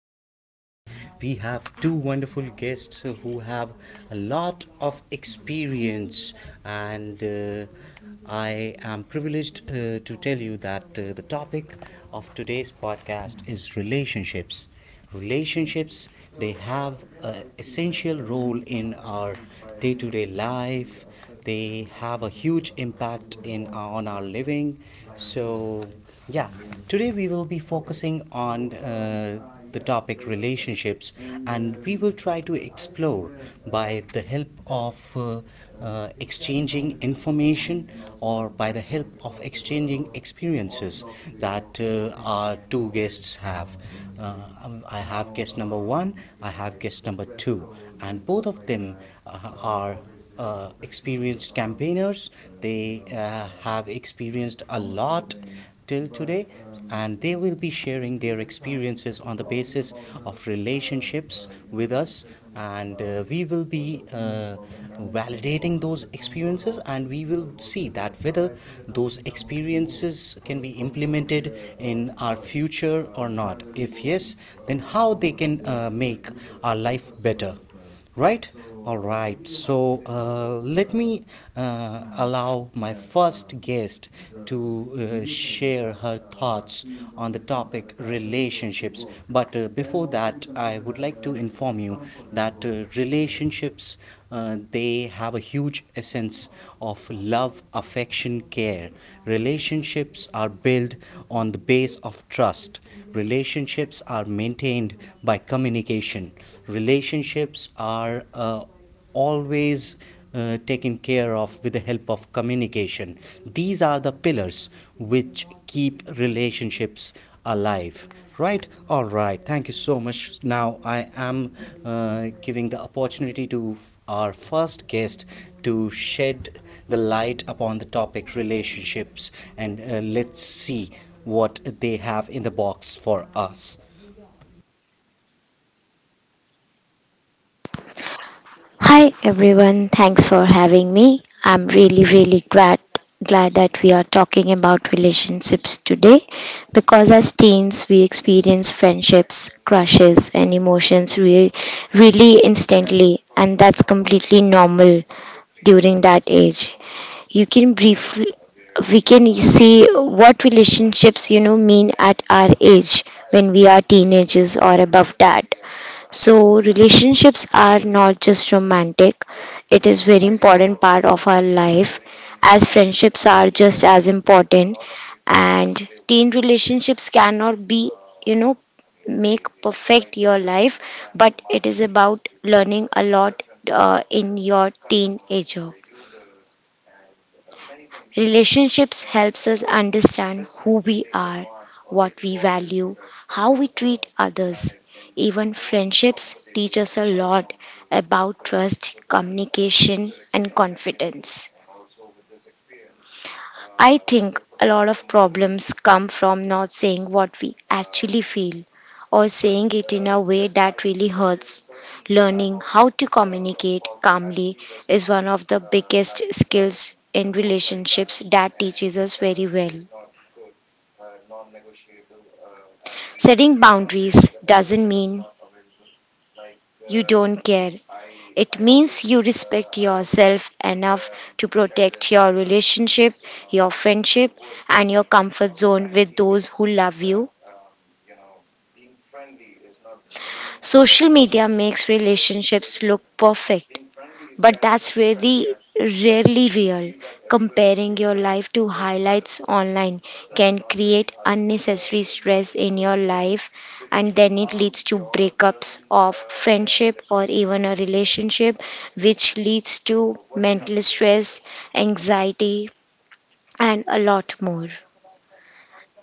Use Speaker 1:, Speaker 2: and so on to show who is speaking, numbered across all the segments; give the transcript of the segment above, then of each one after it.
Speaker 1: today we have two wonderful guests who have a lot of experience, and I am privileged to tell you that the topic of today's podcast is relationships. They have an essential role in our day-to-day life. They have a huge impact in on our living, so yeah, today we will be focusing on the topic relationships, and we will try to explore by the help of exchanging information, or by the help of exchanging experiences that our two guests have. I have guest number one, I have guest number two, and both of them uh, are experienced campaigners. They have experienced a lot till today, and they will be sharing their experiences on the basis of relationships with us. And we will be validating those experiences, and we will see that whether those experiences can be implemented in our future or not. If yes, ways, then how they can make our life better. Right? All right. So let me allow my first guest to share her thoughts on the topic relationships. But before that, I would like to inform you that relationships, they have a huge essence of love, affection, care. Relationships are built on the base of trust. Relationships are maintained by communication. Relationships are always taken care of with the help of communication. These are the pillars which keep relationships alive. Right? All right, thank you so much. Now I am giving the opportunity to our first guest to shed the light upon the topic relationships, and let's see what they have in the box for us.
Speaker 2: Hi everyone, thanks for having me. I'm really glad that we are talking about relationships today because as teens we experience friendships, crushes and really instantly, and that's completely normal during that age. You can briefly We can see what relationships mean at our age when we are teenagers or above that. So relationships are not just romantic, it is very important part of our life, as friendships are just as important. And teen relationships cannot be, you know, make perfect your life, but it is about learning a lot in your teenager. Relationships helps us understand who we are, what we value, how we treat others. Even friendships teach us a lot about trust, communication and confidence. I think a lot of problems come from not saying what we actually feel, or saying it in a way that really hurts. Learning how to communicate calmly is one of the biggest skills in relationships that teaches us very well. Setting boundaries doesn't mean you don't care. It means you respect yourself enough to protect your relationship, your friendship, and your comfort zone with those who love you. Social media makes relationships look perfect, but that's really rarely real. Comparing your life to highlights online can create unnecessary stress in your life, and then it leads to breakups of friendship or even a relationship, which leads to mental stress, anxiety and a lot more.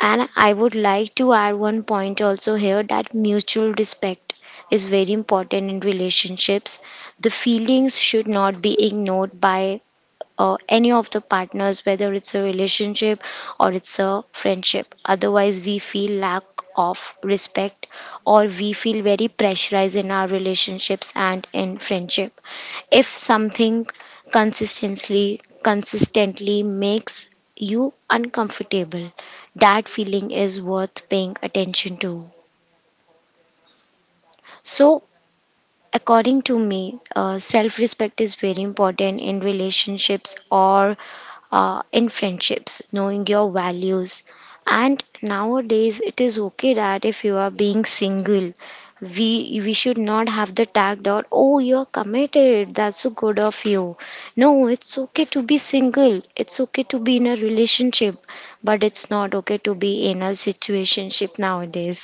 Speaker 2: And I would like to add one point also here that mutual respect is very important in relationships. The feelings should not be ignored by any of the partners, whether it's a relationship or it's a friendship. Otherwise, we feel lack of respect, or we feel very pressurized in our relationships and in friendship. If something consistently makes you uncomfortable, that feeling is worth paying attention to. So According to me, self respect is very important in relationships or in friendships, knowing your values. And nowadays, it is okay that if you are being single, we we should not have the tag dot, oh, you're committed, that's so good of you. No, it's okay to be single, it's okay to be in a relationship, but it's not okay to be in a situationship nowadays.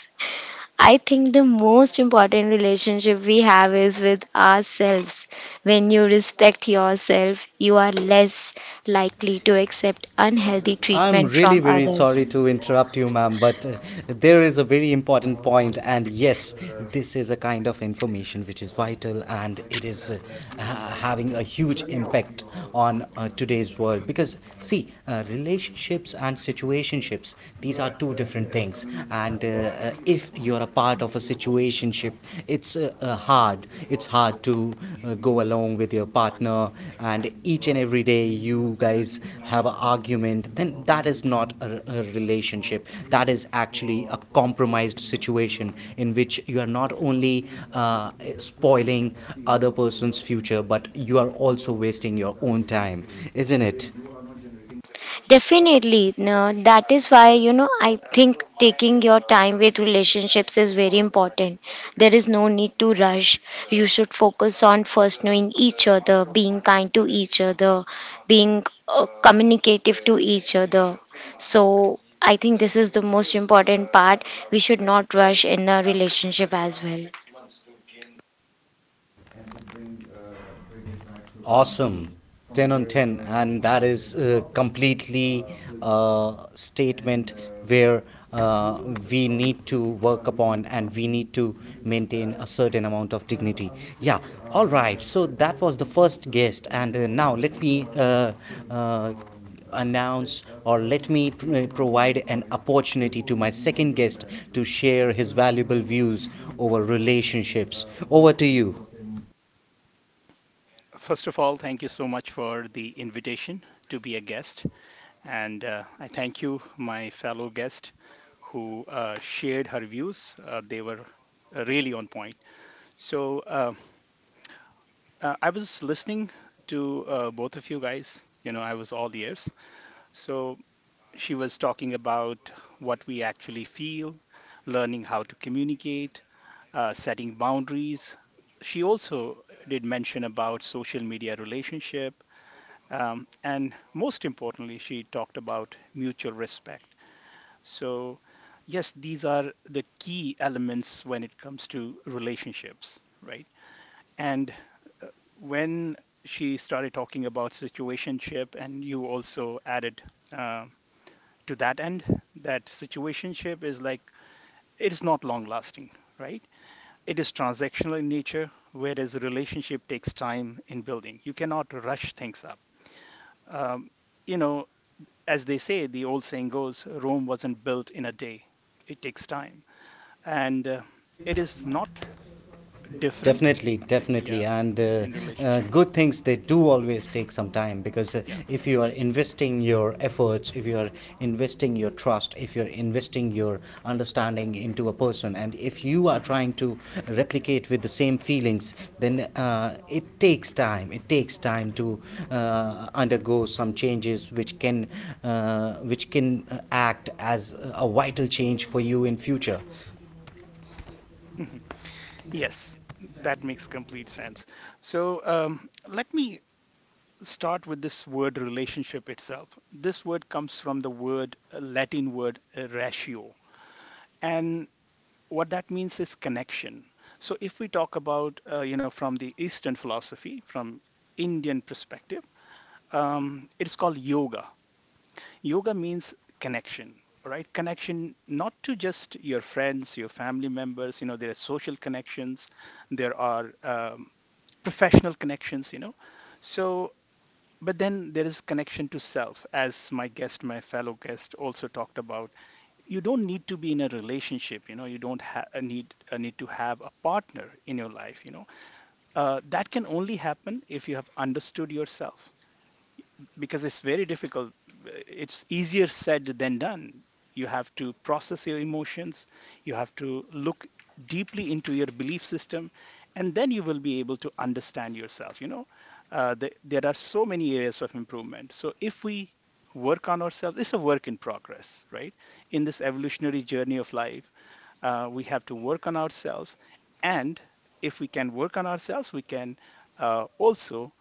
Speaker 2: I think the most important relationship we have is with ourselves. When you respect yourself, you are less likely to accept unhealthy
Speaker 1: I'm
Speaker 2: treatment
Speaker 1: really
Speaker 2: from
Speaker 1: very sorry
Speaker 2: others.
Speaker 1: to interrupt you, ma'am, but there is a very important point, and yes, this is a kind of information which is vital and it is having a huge impact on today's world. Because, see, relationships and situationships, these are two different things, and if you're a part of a situationship, it's hard, it's hard to go along with your partner, and each and every day you guys have an argument, then that is not a relationship. That is actually a compromised situation in which you are not only uh, spoiling other person's future, but you are also wasting your own time, isn't it?
Speaker 2: Definitely. No, that is why, you know, I think taking your time with relationships is very important. There is no need to rush. You should focus on first knowing each other, being kind to each other, being communicative to each other. So, I think this is the most important part. We should not rush in a relationship as well.
Speaker 1: Awesome. 10 on 10, and that is completely a statement where uh, we need to work upon, and we need to maintain a certain amount of dignity. Yeah. All right, so that was the first guest, and now let me uh, announce, or let me provide an opportunity to my second guest to share his valuable views over relationships. Over to you.
Speaker 3: First of all, thank you so much for the invitation to be a guest. And I thank you, my fellow guest, who shared her views. They were really on point. So I was listening to both of you guys. You know, I was all ears. So She was talking about what we actually feel, learning how to communicate, setting boundaries. She also did mention about social media relationship. And most importantly, she talked about mutual respect. So, yes, these are the key elements when it comes to relationships, right? And when she started talking about situationship, and you also added um to that end that situationship is like it's not long lasting, right? It is transactional in nature, whereas a relationship takes time in building. You cannot rush things up. um, you know, as they say, the old saying goes, Rome wasn't built in a day. It takes time, and it is not different.
Speaker 1: Definitely, definitely,
Speaker 3: Yeah,
Speaker 1: and
Speaker 3: yeah, in relationship.
Speaker 1: good things, they do always take some time, because
Speaker 3: Yeah.
Speaker 1: if you are investing your efforts, if you are investing your trust, if you're investing your understanding into a person, and if you are
Speaker 3: Mhm,
Speaker 1: trying to replicate with the same feelings, then it takes time. It takes time to undergo some changes which can act as a vital change for you in future.
Speaker 3: mhm. Yes, that makes complete sense. So let me start with this word relationship itself. This word comes from the word Latin word ratio, and what that means is connection. So if we talk about, you know, from the Eastern philosophy, from Indian perspective, it's called yoga. Yoga means connection, right? Connection not to just your friends, your family members. You know, there are social connections, there are professional connections. You know, so but then there is connection to self, as my guest, my fellow guest, also talked about. You don't need to be in a relationship. You know, you don't need to have a partner in your life. You know, that can only happen if you have understood yourself because it's very difficult. It's easier said than done. You have to process your emotions, you have to look deeply into your belief system, and then you will be able to understand yourself. You know, there are so many areas of improvement. So if we work on ourselves, it's a work in progress, right? In this evolutionary journey of life, we have to work on ourselves, and if we can work on ourselves, we can also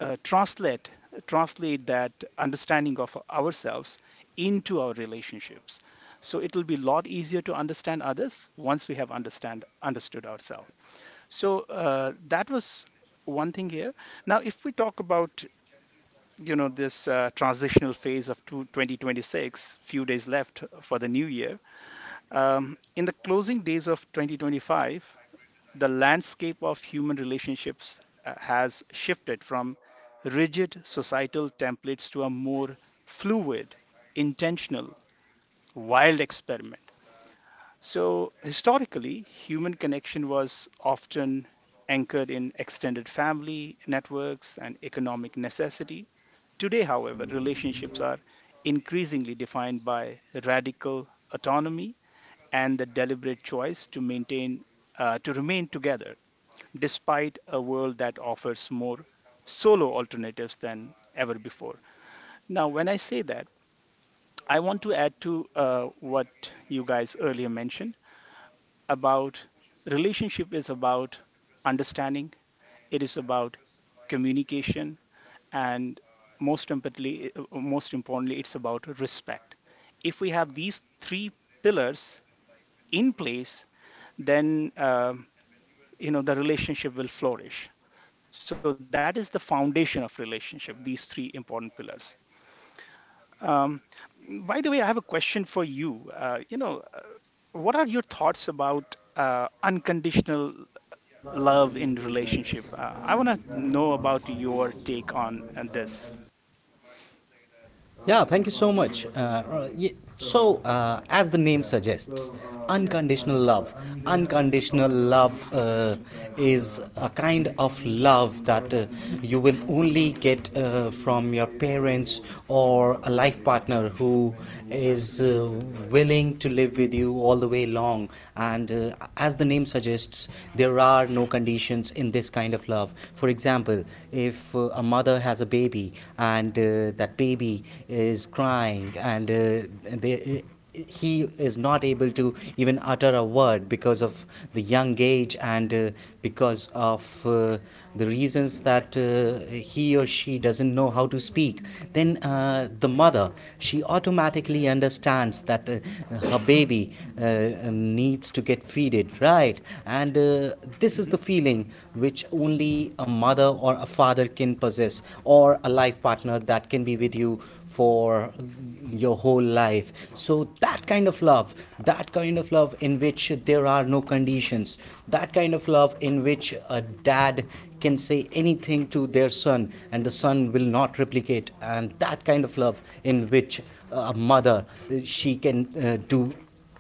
Speaker 3: uh, translate translate that understanding of ourselves into our relationships. So it will be a lot easier to understand others once we have understand understood ourselves. So that was one thing here. Now if we talk about, you know, this transitional phase of 2026, few days left for the new year, in the closing days of 2025, the landscape of human relationships has shifted from rigid societal templates to a more fluid, intentional, wild experiment. So, historically, human connection was often anchored in extended family networks and economic necessity. Today, however, relationships are increasingly defined by radical autonomy and the deliberate choice to maintain to remain together despite a world that offers more solo alternatives than ever before. Now, when I say that, I want to add to what you guys earlier mentioned about relationship is about understanding, it is about communication, and most importantly, it's about respect. If we have these three pillars in place, then you know the relationship will flourish. So that is the foundation of relationship, these three important pillars. um, by the way, I have a question for you. You know, what are your thoughts about unconditional love in relationship? I want to know about your take on this.
Speaker 1: Yeah, thank you so much. Yeah, so, as the name suggests, unconditional love. Unconditional love is a kind of love that you will only get from your parents, or a life partner who is willing to live with you all the way long. And as the name suggests, there are no conditions in this kind of love. For example, if a mother has a baby, and that baby is crying, and they he is not able to even utter a word because of the young age, and because of the reasons that he or she doesn't know how to speak, then the mother, she automatically understands that her baby uh, needs to get feeded, right? And this is the
Speaker 3: Hmm.
Speaker 1: feeling which only a mother or a father can possess, or a life partner that can be with you for your whole life. So that kind of love, that kind of love in which there are no conditions, that kind of love in which a dad can say anything to their son and the son will not replicate, and that kind of love in which a mother, she can do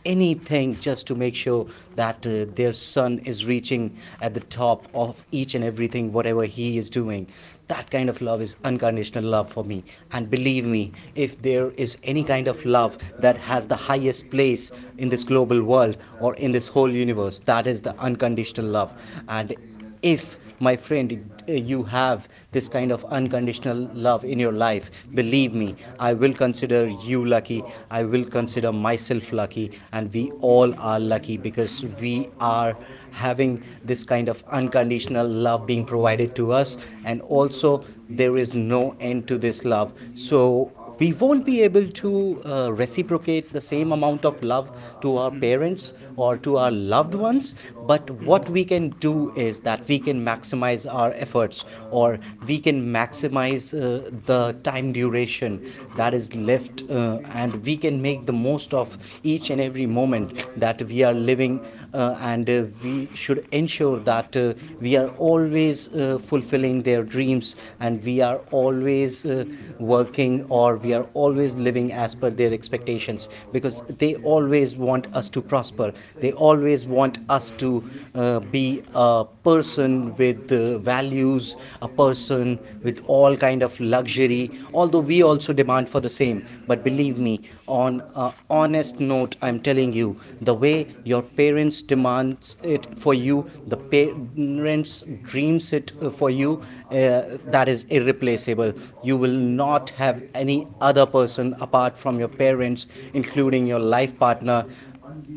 Speaker 1: anything just to make sure that their son is reaching at the top of each and everything whatever he is doing, that kind of love is unconditional love for me. And believe me, if there is any kind of love that has the highest place in this global world or in this whole universe, that is the unconditional love. And if, my friend, you have this kind of unconditional love in your life, believe me, I will consider you lucky, I will consider myself lucky, and we all are lucky because we are having this kind of unconditional love being provided to us. And also, there is no end to this love, so we won't be able to reciprocate the same amount of love to our
Speaker 3: Hmm.
Speaker 1: parents or to our loved ones. But what
Speaker 3: Hmm.
Speaker 1: we can do is that we can maximize our efforts, or we can maximize the time duration that is left, and we can make the most of each and every moment that we are living. And we should ensure that we are always fulfilling their dreams, and we are always working, or we are always living as per their expectations, because they always want us to prosper. They always want us to be a person with values, a person with all kind of luxury. Although we also demand for the same, but believe me, on a honest note, I'm telling you, the way your parents demands it for you, the parents dreams it for you, that is irreplaceable. You will not have any other person apart from your parents, including your life partner,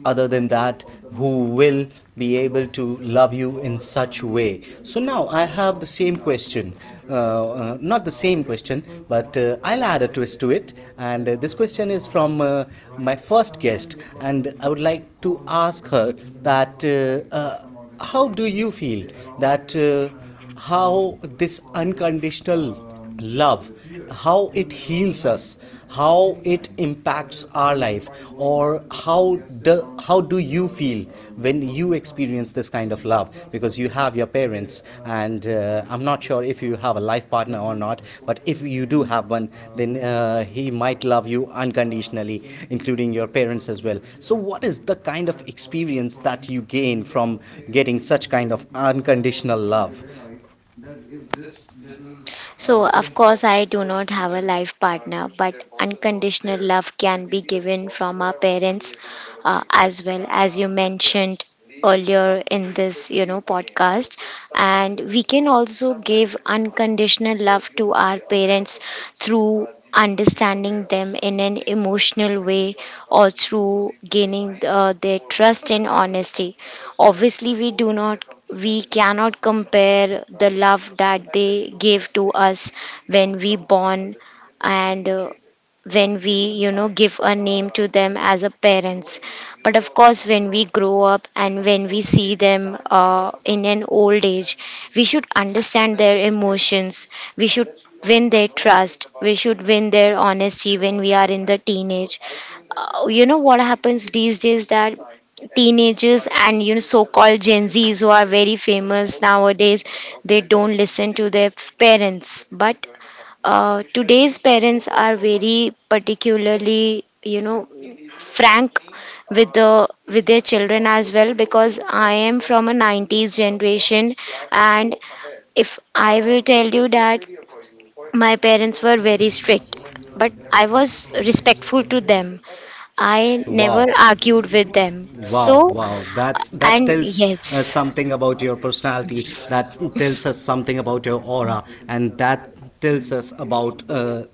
Speaker 1: other than that, who will be able to love you in such way. So now I have the same question, not the same question, but I'll add a twist to it. And this question is from my first guest, and I would like to ask her that. How do you feel that how this unconditional love, how it heals us, how it impacts our life, or how do you feel when you experience this kind of love, because you have your parents, and I'm not sure if you have a life partner or not, but if you do have one, then he might love you unconditionally, including your parents as well. So what is the kind of experience that you gain from getting such kind of unconditional love?
Speaker 2: So, of course, I do not have a life partner, but unconditional love can be given from our parents as well, as you mentioned earlier in this podcast, and we can also give unconditional love to our parents through understanding them in an emotional way, or through gaining their trust and honesty. Obviously, we do not, we cannot compare the love that they give to us when we born, and when we give a name to them as a parents. But of course, when we grow up and when we see them in an old age, we should understand their emotions, we should win their trust, we should win their honesty when we are in the teenage. You know what happens these days, that teenagers and so-called gen z's, who are very famous nowadays, they don't listen to their parents. But today's parents are very particularly, you know, frank with the with their children as well, because I am from a 90s generation. And if I will tell you that my parents were very strict, but I was respectful to them. I never
Speaker 1: Wow.
Speaker 2: argued with them.
Speaker 1: Wow,
Speaker 2: So,
Speaker 1: wow. That's, that
Speaker 2: and
Speaker 1: tells us
Speaker 2: yes,
Speaker 1: something about your personality. That tells us something about your aura, and that tells us about uh,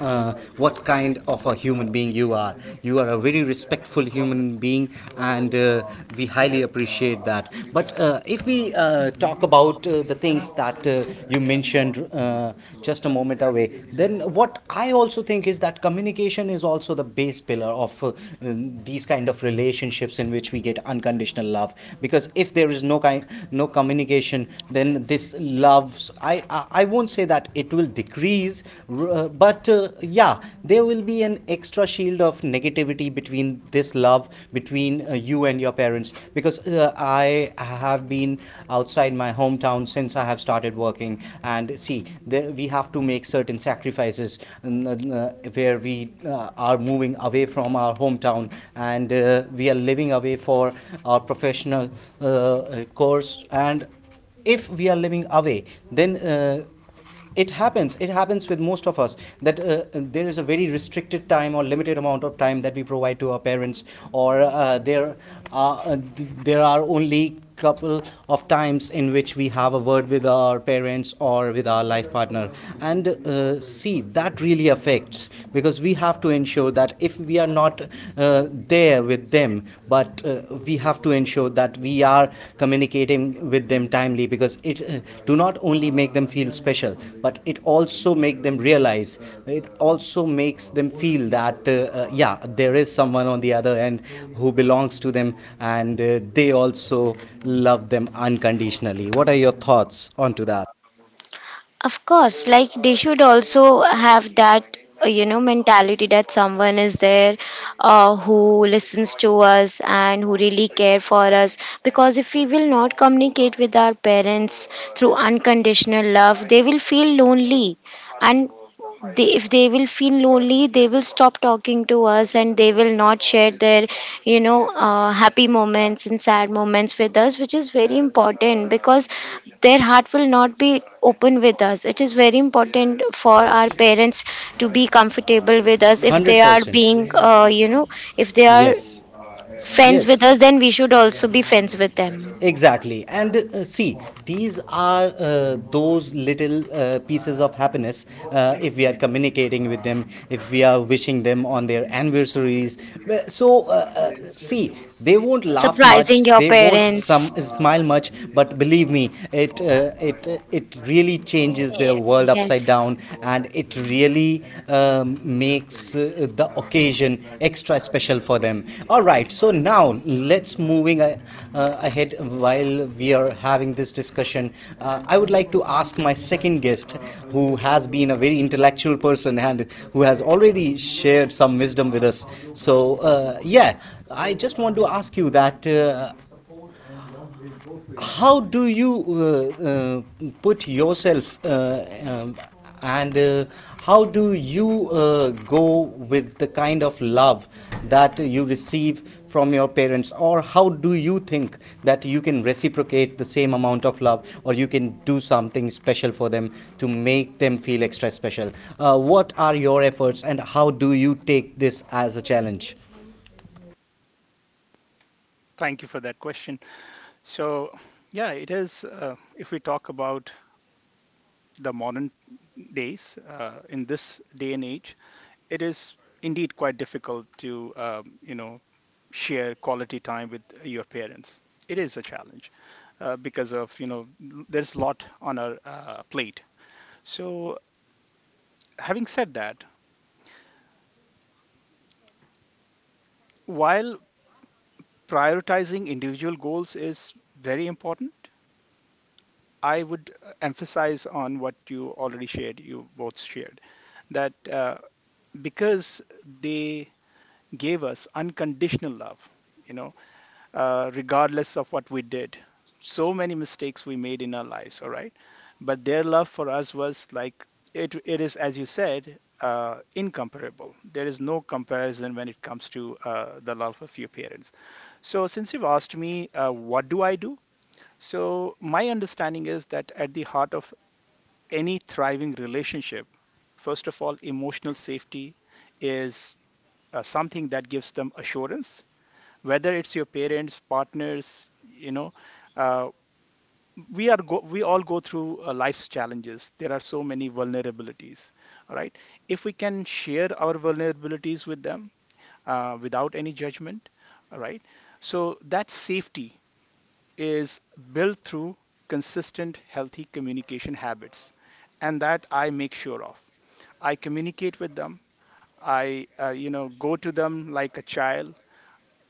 Speaker 1: uh, what kind of a human being you are. You are a very respectful human being, and we highly appreciate that. But if we talk about the things that you mentioned just a moment away, then what I also think is that communication is also the base pillar of these kind of relationships in which we get unconditional love. Because if there is no communication, then this loves, I won't say that it will decrease, but yeah, there will be an extra shield of negativity between this love, between you and your parents. Because I have been outside my hometown since I have started working, and see there, we have to make certain sacrifices, and where we are moving away from our hometown, and we are living away for our professional course, and if we are living away, then it happens with most of us that there is a very restricted time, or limited amount of time that we provide to our parents, or are, uh, there are only couple of times in which we have a word with our parents or with our life partner. And see, that really affects, because we have to ensure that if we are not there with them, but we have to ensure that we are communicating with them time, because it do not only make them feel special, but it also make them realize, it also makes them feel that yeah, there is someone on the other end who belongs to them, and they also love them unconditionally. What are your thoughts onto that?
Speaker 2: of course, like they should also have that, you know, mentality that someone is there who listens to us and who really care for us. Because if we will not communicate with our parents through unconditional love, they will feel lonely. And they, if they will feel lonely, they will stop talking to us, and they will not share their happy moments and sad moments with us, which is very important, because their heart will not be open with us. It is very important for our parents to be comfortable with us. If they are
Speaker 1: 100%
Speaker 2: being, you know, if they are
Speaker 1: Yes,
Speaker 2: friends with
Speaker 1: yes,
Speaker 2: us, then we should also be friends with them.
Speaker 1: exactly. And see, these are those little pieces of happiness, if we are communicating with them, if we are wishing them on their anniversaries. See, they won't laugh much,
Speaker 2: Surprising your
Speaker 1: they won't some
Speaker 2: parents.
Speaker 1: smile much, but believe me, it really changes their world upside
Speaker 2: Yes.
Speaker 1: down, and it really makes the occasion extra special for them. All right, so now let's moving ahead while we are having this discussion. I would like to ask my second guest, who has been a very intellectual person and who has already shared some wisdom with us. So yeah, I just want to ask you that, how do you uh, put yourself, and how do you go with the kind of love that you receive from your parents? Or how do you think that you can reciprocate the same amount of love, or you can do something special for them to make them feel extra special? What are your efforts, and how do you take this as a challenge?
Speaker 3: Thank you for that question. So, yeah, it is. If we talk about the modern days, in this day and age, it is indeed quite difficult to, you know, share quality time with your parents. It is a challenge because of, you know, there's a lot on our plate. So, having said that, while prioritizing individual goals is very important, I would emphasize on what you already shared, you both shared, that because they gave us unconditional love, you know, regardless of what we did. So many mistakes we made in our lives, all right? But their love for us was like, it is, as you said, incomparable. There is no comparison when it comes to the love of your parents. So, since you've asked me, what do I do? So, my understanding is that at the heart of any thriving relationship, first of all, emotional safety is something that gives them assurance, whether it's your parents, partners. You know, uh, we all go through life's challenges. There are so many vulnerabilities, all right? If we can share our vulnerabilities with them without any judgment, all right, so that safety is built through consistent healthy communication habits, and that I make sure of. I communicate with them. I, you know, go to them like a child,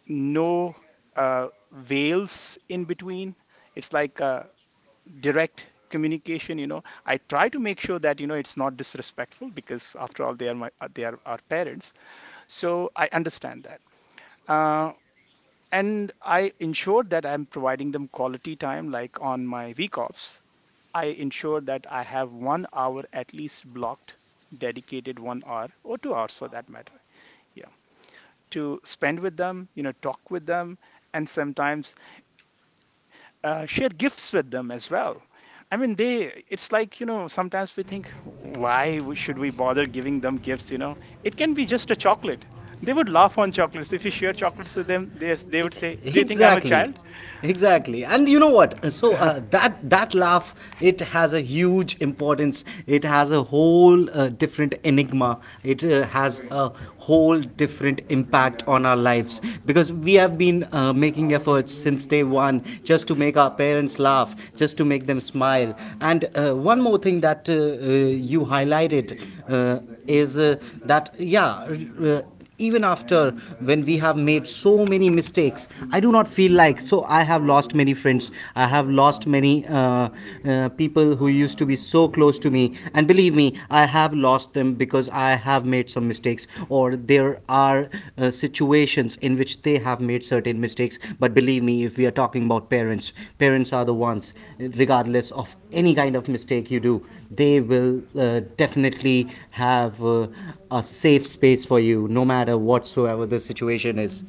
Speaker 3: no veils in between. It's like direct communication. You know, I try to make sure that you know it's not disrespectful because after all, they are our parents. So I understand that. Uh, and I ensure that I'm providing them quality time, like on my week offs. I ensure that I have 1 hour at least blocked, dedicated 1 hour or 2 hours for that matter. Yeah, to spend with them, you know, talk with them, and sometimes share gifts with them as well. I mean, they, it's like, you know, sometimes we think, should we bother giving them gifts? You know, it can be just a chocolate. They would laugh on chocolates. If you share chocolates with them, they would say, "Do you think I'm a
Speaker 1: Exactly,
Speaker 3: child?"
Speaker 1: exactly. And you know what, so that laugh, it has a huge importance. It has a whole different enigma. It has a whole different impact on our lives, because we have been making efforts since day one just to make our parents laugh, just to make them smile. And one more thing that you highlighted uh, is, that yeah, uh, even after when we have made so many mistakes, I do not feel like, so I have lost many friends, I have lost many people who used to be so close to me, and believe me, I have lost them because I have made some mistakes, or there are situations in which they have made certain mistakes. But believe me, if we are talking about parents, parents are the ones, regardless of any kind of mistake you do, they will definitely have a safe space for you, no matter whatsoever the situation is.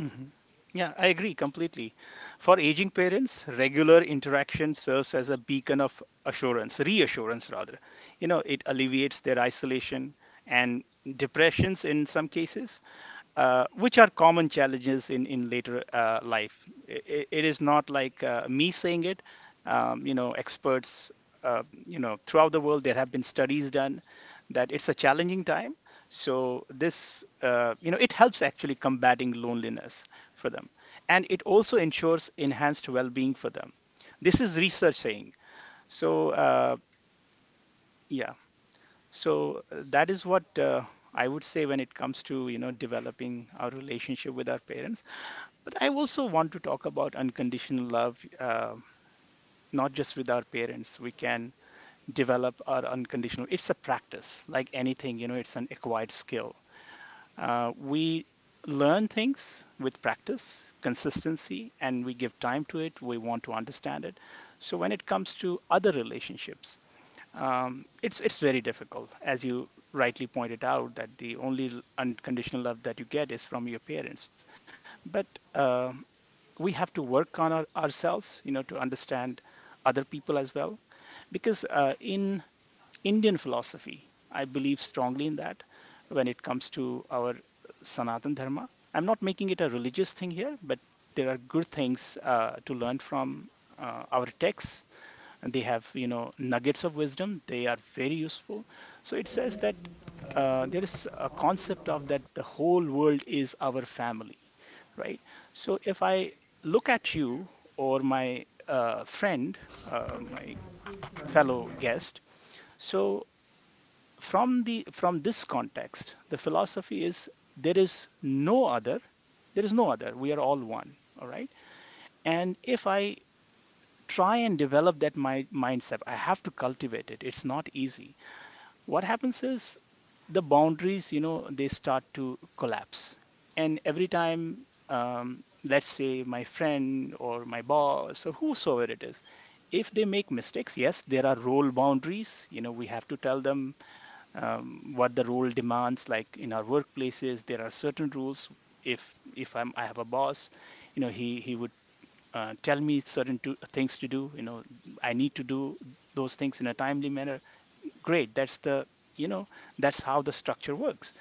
Speaker 3: Mhm. Yeah, I agree completely. For aging parents, regular interaction serves as a reassurance rather. You know, it alleviates their isolation and depressions in some cases, which are common challenges in later life. It is not like me saying it. You know, experts, you know, throughout the world there have been studies done that it's a challenging time. So this, you know, it helps actually combating loneliness for them, and it also ensures enhanced well-being for them. This is research saying. So yeah, so that is what. I would say when it comes to, you know, developing our relationship with our parents, but I also want to talk about unconditional love, not just with our parents. We can develop our unconditional. It's a practice, like anything. You know, it's an acquired skill. We learn things with practice, consistency, and we give time to it. We want to understand it. So when it comes to other relationships, it's very difficult, as you rightly pointed out, that the only unconditional love that you get is from your parents. But um we have to work on ourselves, you know, to understand other people as well, because in Indian philosophy, I believe strongly in that, when it comes to our Sanatan Dharma. I'm not making it a religious thing here, but there are good things to learn from our texts. And they have, you know, nuggets of wisdom. They are very useful. So it says that there is a concept of that the whole world is our family, right? So if I look at you or my friend, my fellow guest, so from the from this context, the philosophy is there is no other, we are all one, all right? And if I try and develop that, my mindset, I have to cultivate it. It's not easy. What happens is the boundaries, you know, they start to collapse. And every time, let's say my friend or my boss or whosoever it is, if they make mistakes, yes, there are role boundaries. You know, we have to tell them, what the role demands, like in our workplaces there are certain rules. If I'm, I have a boss, you know, he would tell me certain things to do. You know, I need to do those things in a timely manner. Great. That's the, you know, that's how the structure works.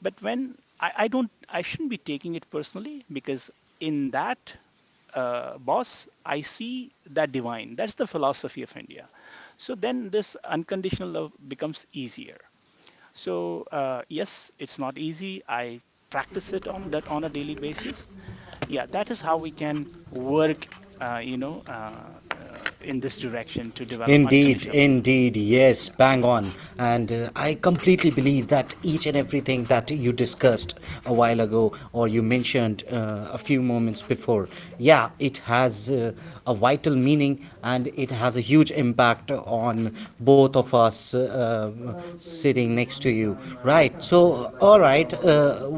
Speaker 3: But when I don't, I shouldn't be taking it personally because in that boss, I see that divine. That's the philosophy of India. So then this unconditional love becomes easier. So yes, it's not easy. I practice it on that on a daily basis. Yeah, that is how we can work, you know, in this direction to develop
Speaker 1: Indeed,
Speaker 3: unconditional.
Speaker 1: indeed, yes,
Speaker 3: Yeah.
Speaker 1: bang on. And I completely believe that each and everything that you discussed a while ago, or you mentioned a few moments before, yeah, it has a vital meaning, and it has a huge impact on both of us sitting next to you, right? So, all right,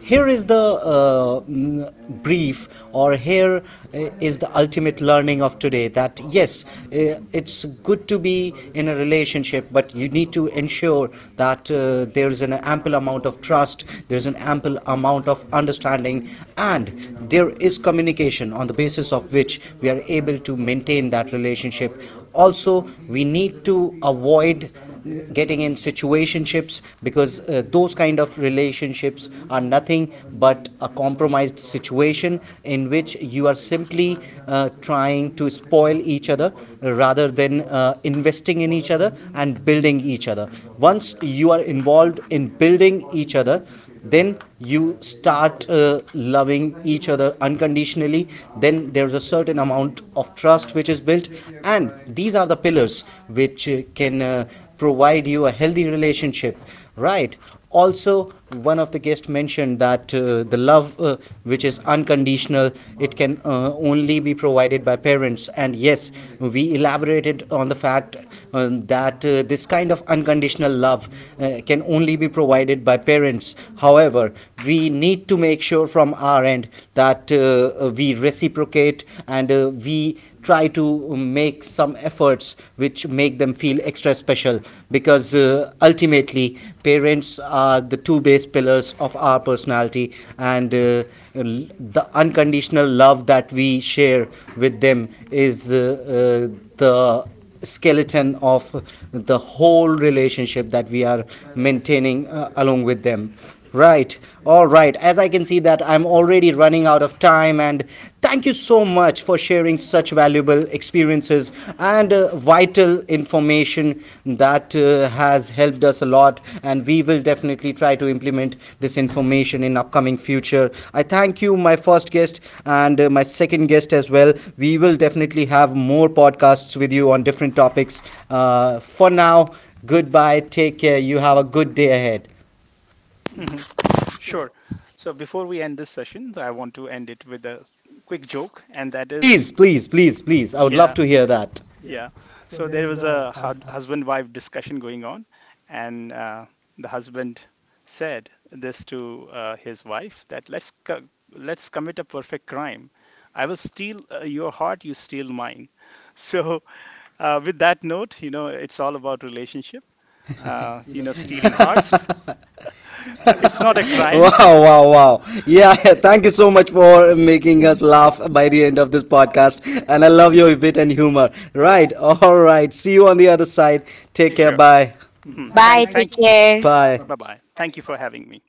Speaker 1: here is the brief, or here is the ultimate learning of today, that yes, it's good to be in a relationship, but you need to ensure that there is an ample amount of trust, there is an ample amount of understanding, and there is communication on the basis of which we are able to maintain that relationship. Also, we need to avoid getting in situations relationships, because those kind of relationships are nothing but a compromised situation in which you are simply trying to spoil each other rather than investing in each other and building each other. Once you are involved in building each other, then you start loving each other unconditionally. Then there's a certain amount of trust which is built, and these are the pillars which can provide you a healthy relationship, right? Also, one of the guests mentioned that the love which is unconditional, it can only be provided by parents, and yes, we elaborated on the fact that this kind of unconditional love can only be provided by parents events. However, we need to make sure from our end that we reciprocate, and we try to make some efforts which make them feel extra special, because ultimately parents are the two base pillars of our personality, and the unconditional love that we share with them is the skeleton of the whole relationship that we are maintaining along with them, right? All right, as I can see that I'm already running out of time, and thank you so much for sharing such valuable experiences and vital information that has helped us a lot, and we will definitely try to implement this information in upcoming future. I thank you, my first guest, and my second guest as well. We will definitely have more podcasts with you on different topics. For now, goodbye, take care, you have a good day ahead.
Speaker 3: Hmm. Sure. So before we end this session, I want to end it with a quick joke, and that
Speaker 1: Please,
Speaker 3: is,
Speaker 1: please, please, please, I would love
Speaker 3: yeah,
Speaker 1: to hear that.
Speaker 3: yeah. So there was a husband-wife discussion going on, and the husband said this to his wife that let's commit a perfect crime. I will steal your heart, you steal mine. So with that note, you know, it's all about relationship. You know, stealing hearts. It's not a crime.
Speaker 1: Wow, wow, wow. Yeah, thank you so much
Speaker 3: So-
Speaker 1: for making us laugh by the end of this podcast. And I love your wit and humor. Right, all right. See you on the other side. Take care.
Speaker 3: sure.
Speaker 1: Bye.
Speaker 3: Hmm.
Speaker 2: Bye,
Speaker 3: Thank, thank,
Speaker 2: take care.
Speaker 1: Bye.
Speaker 3: bye bye. Thank you for having me.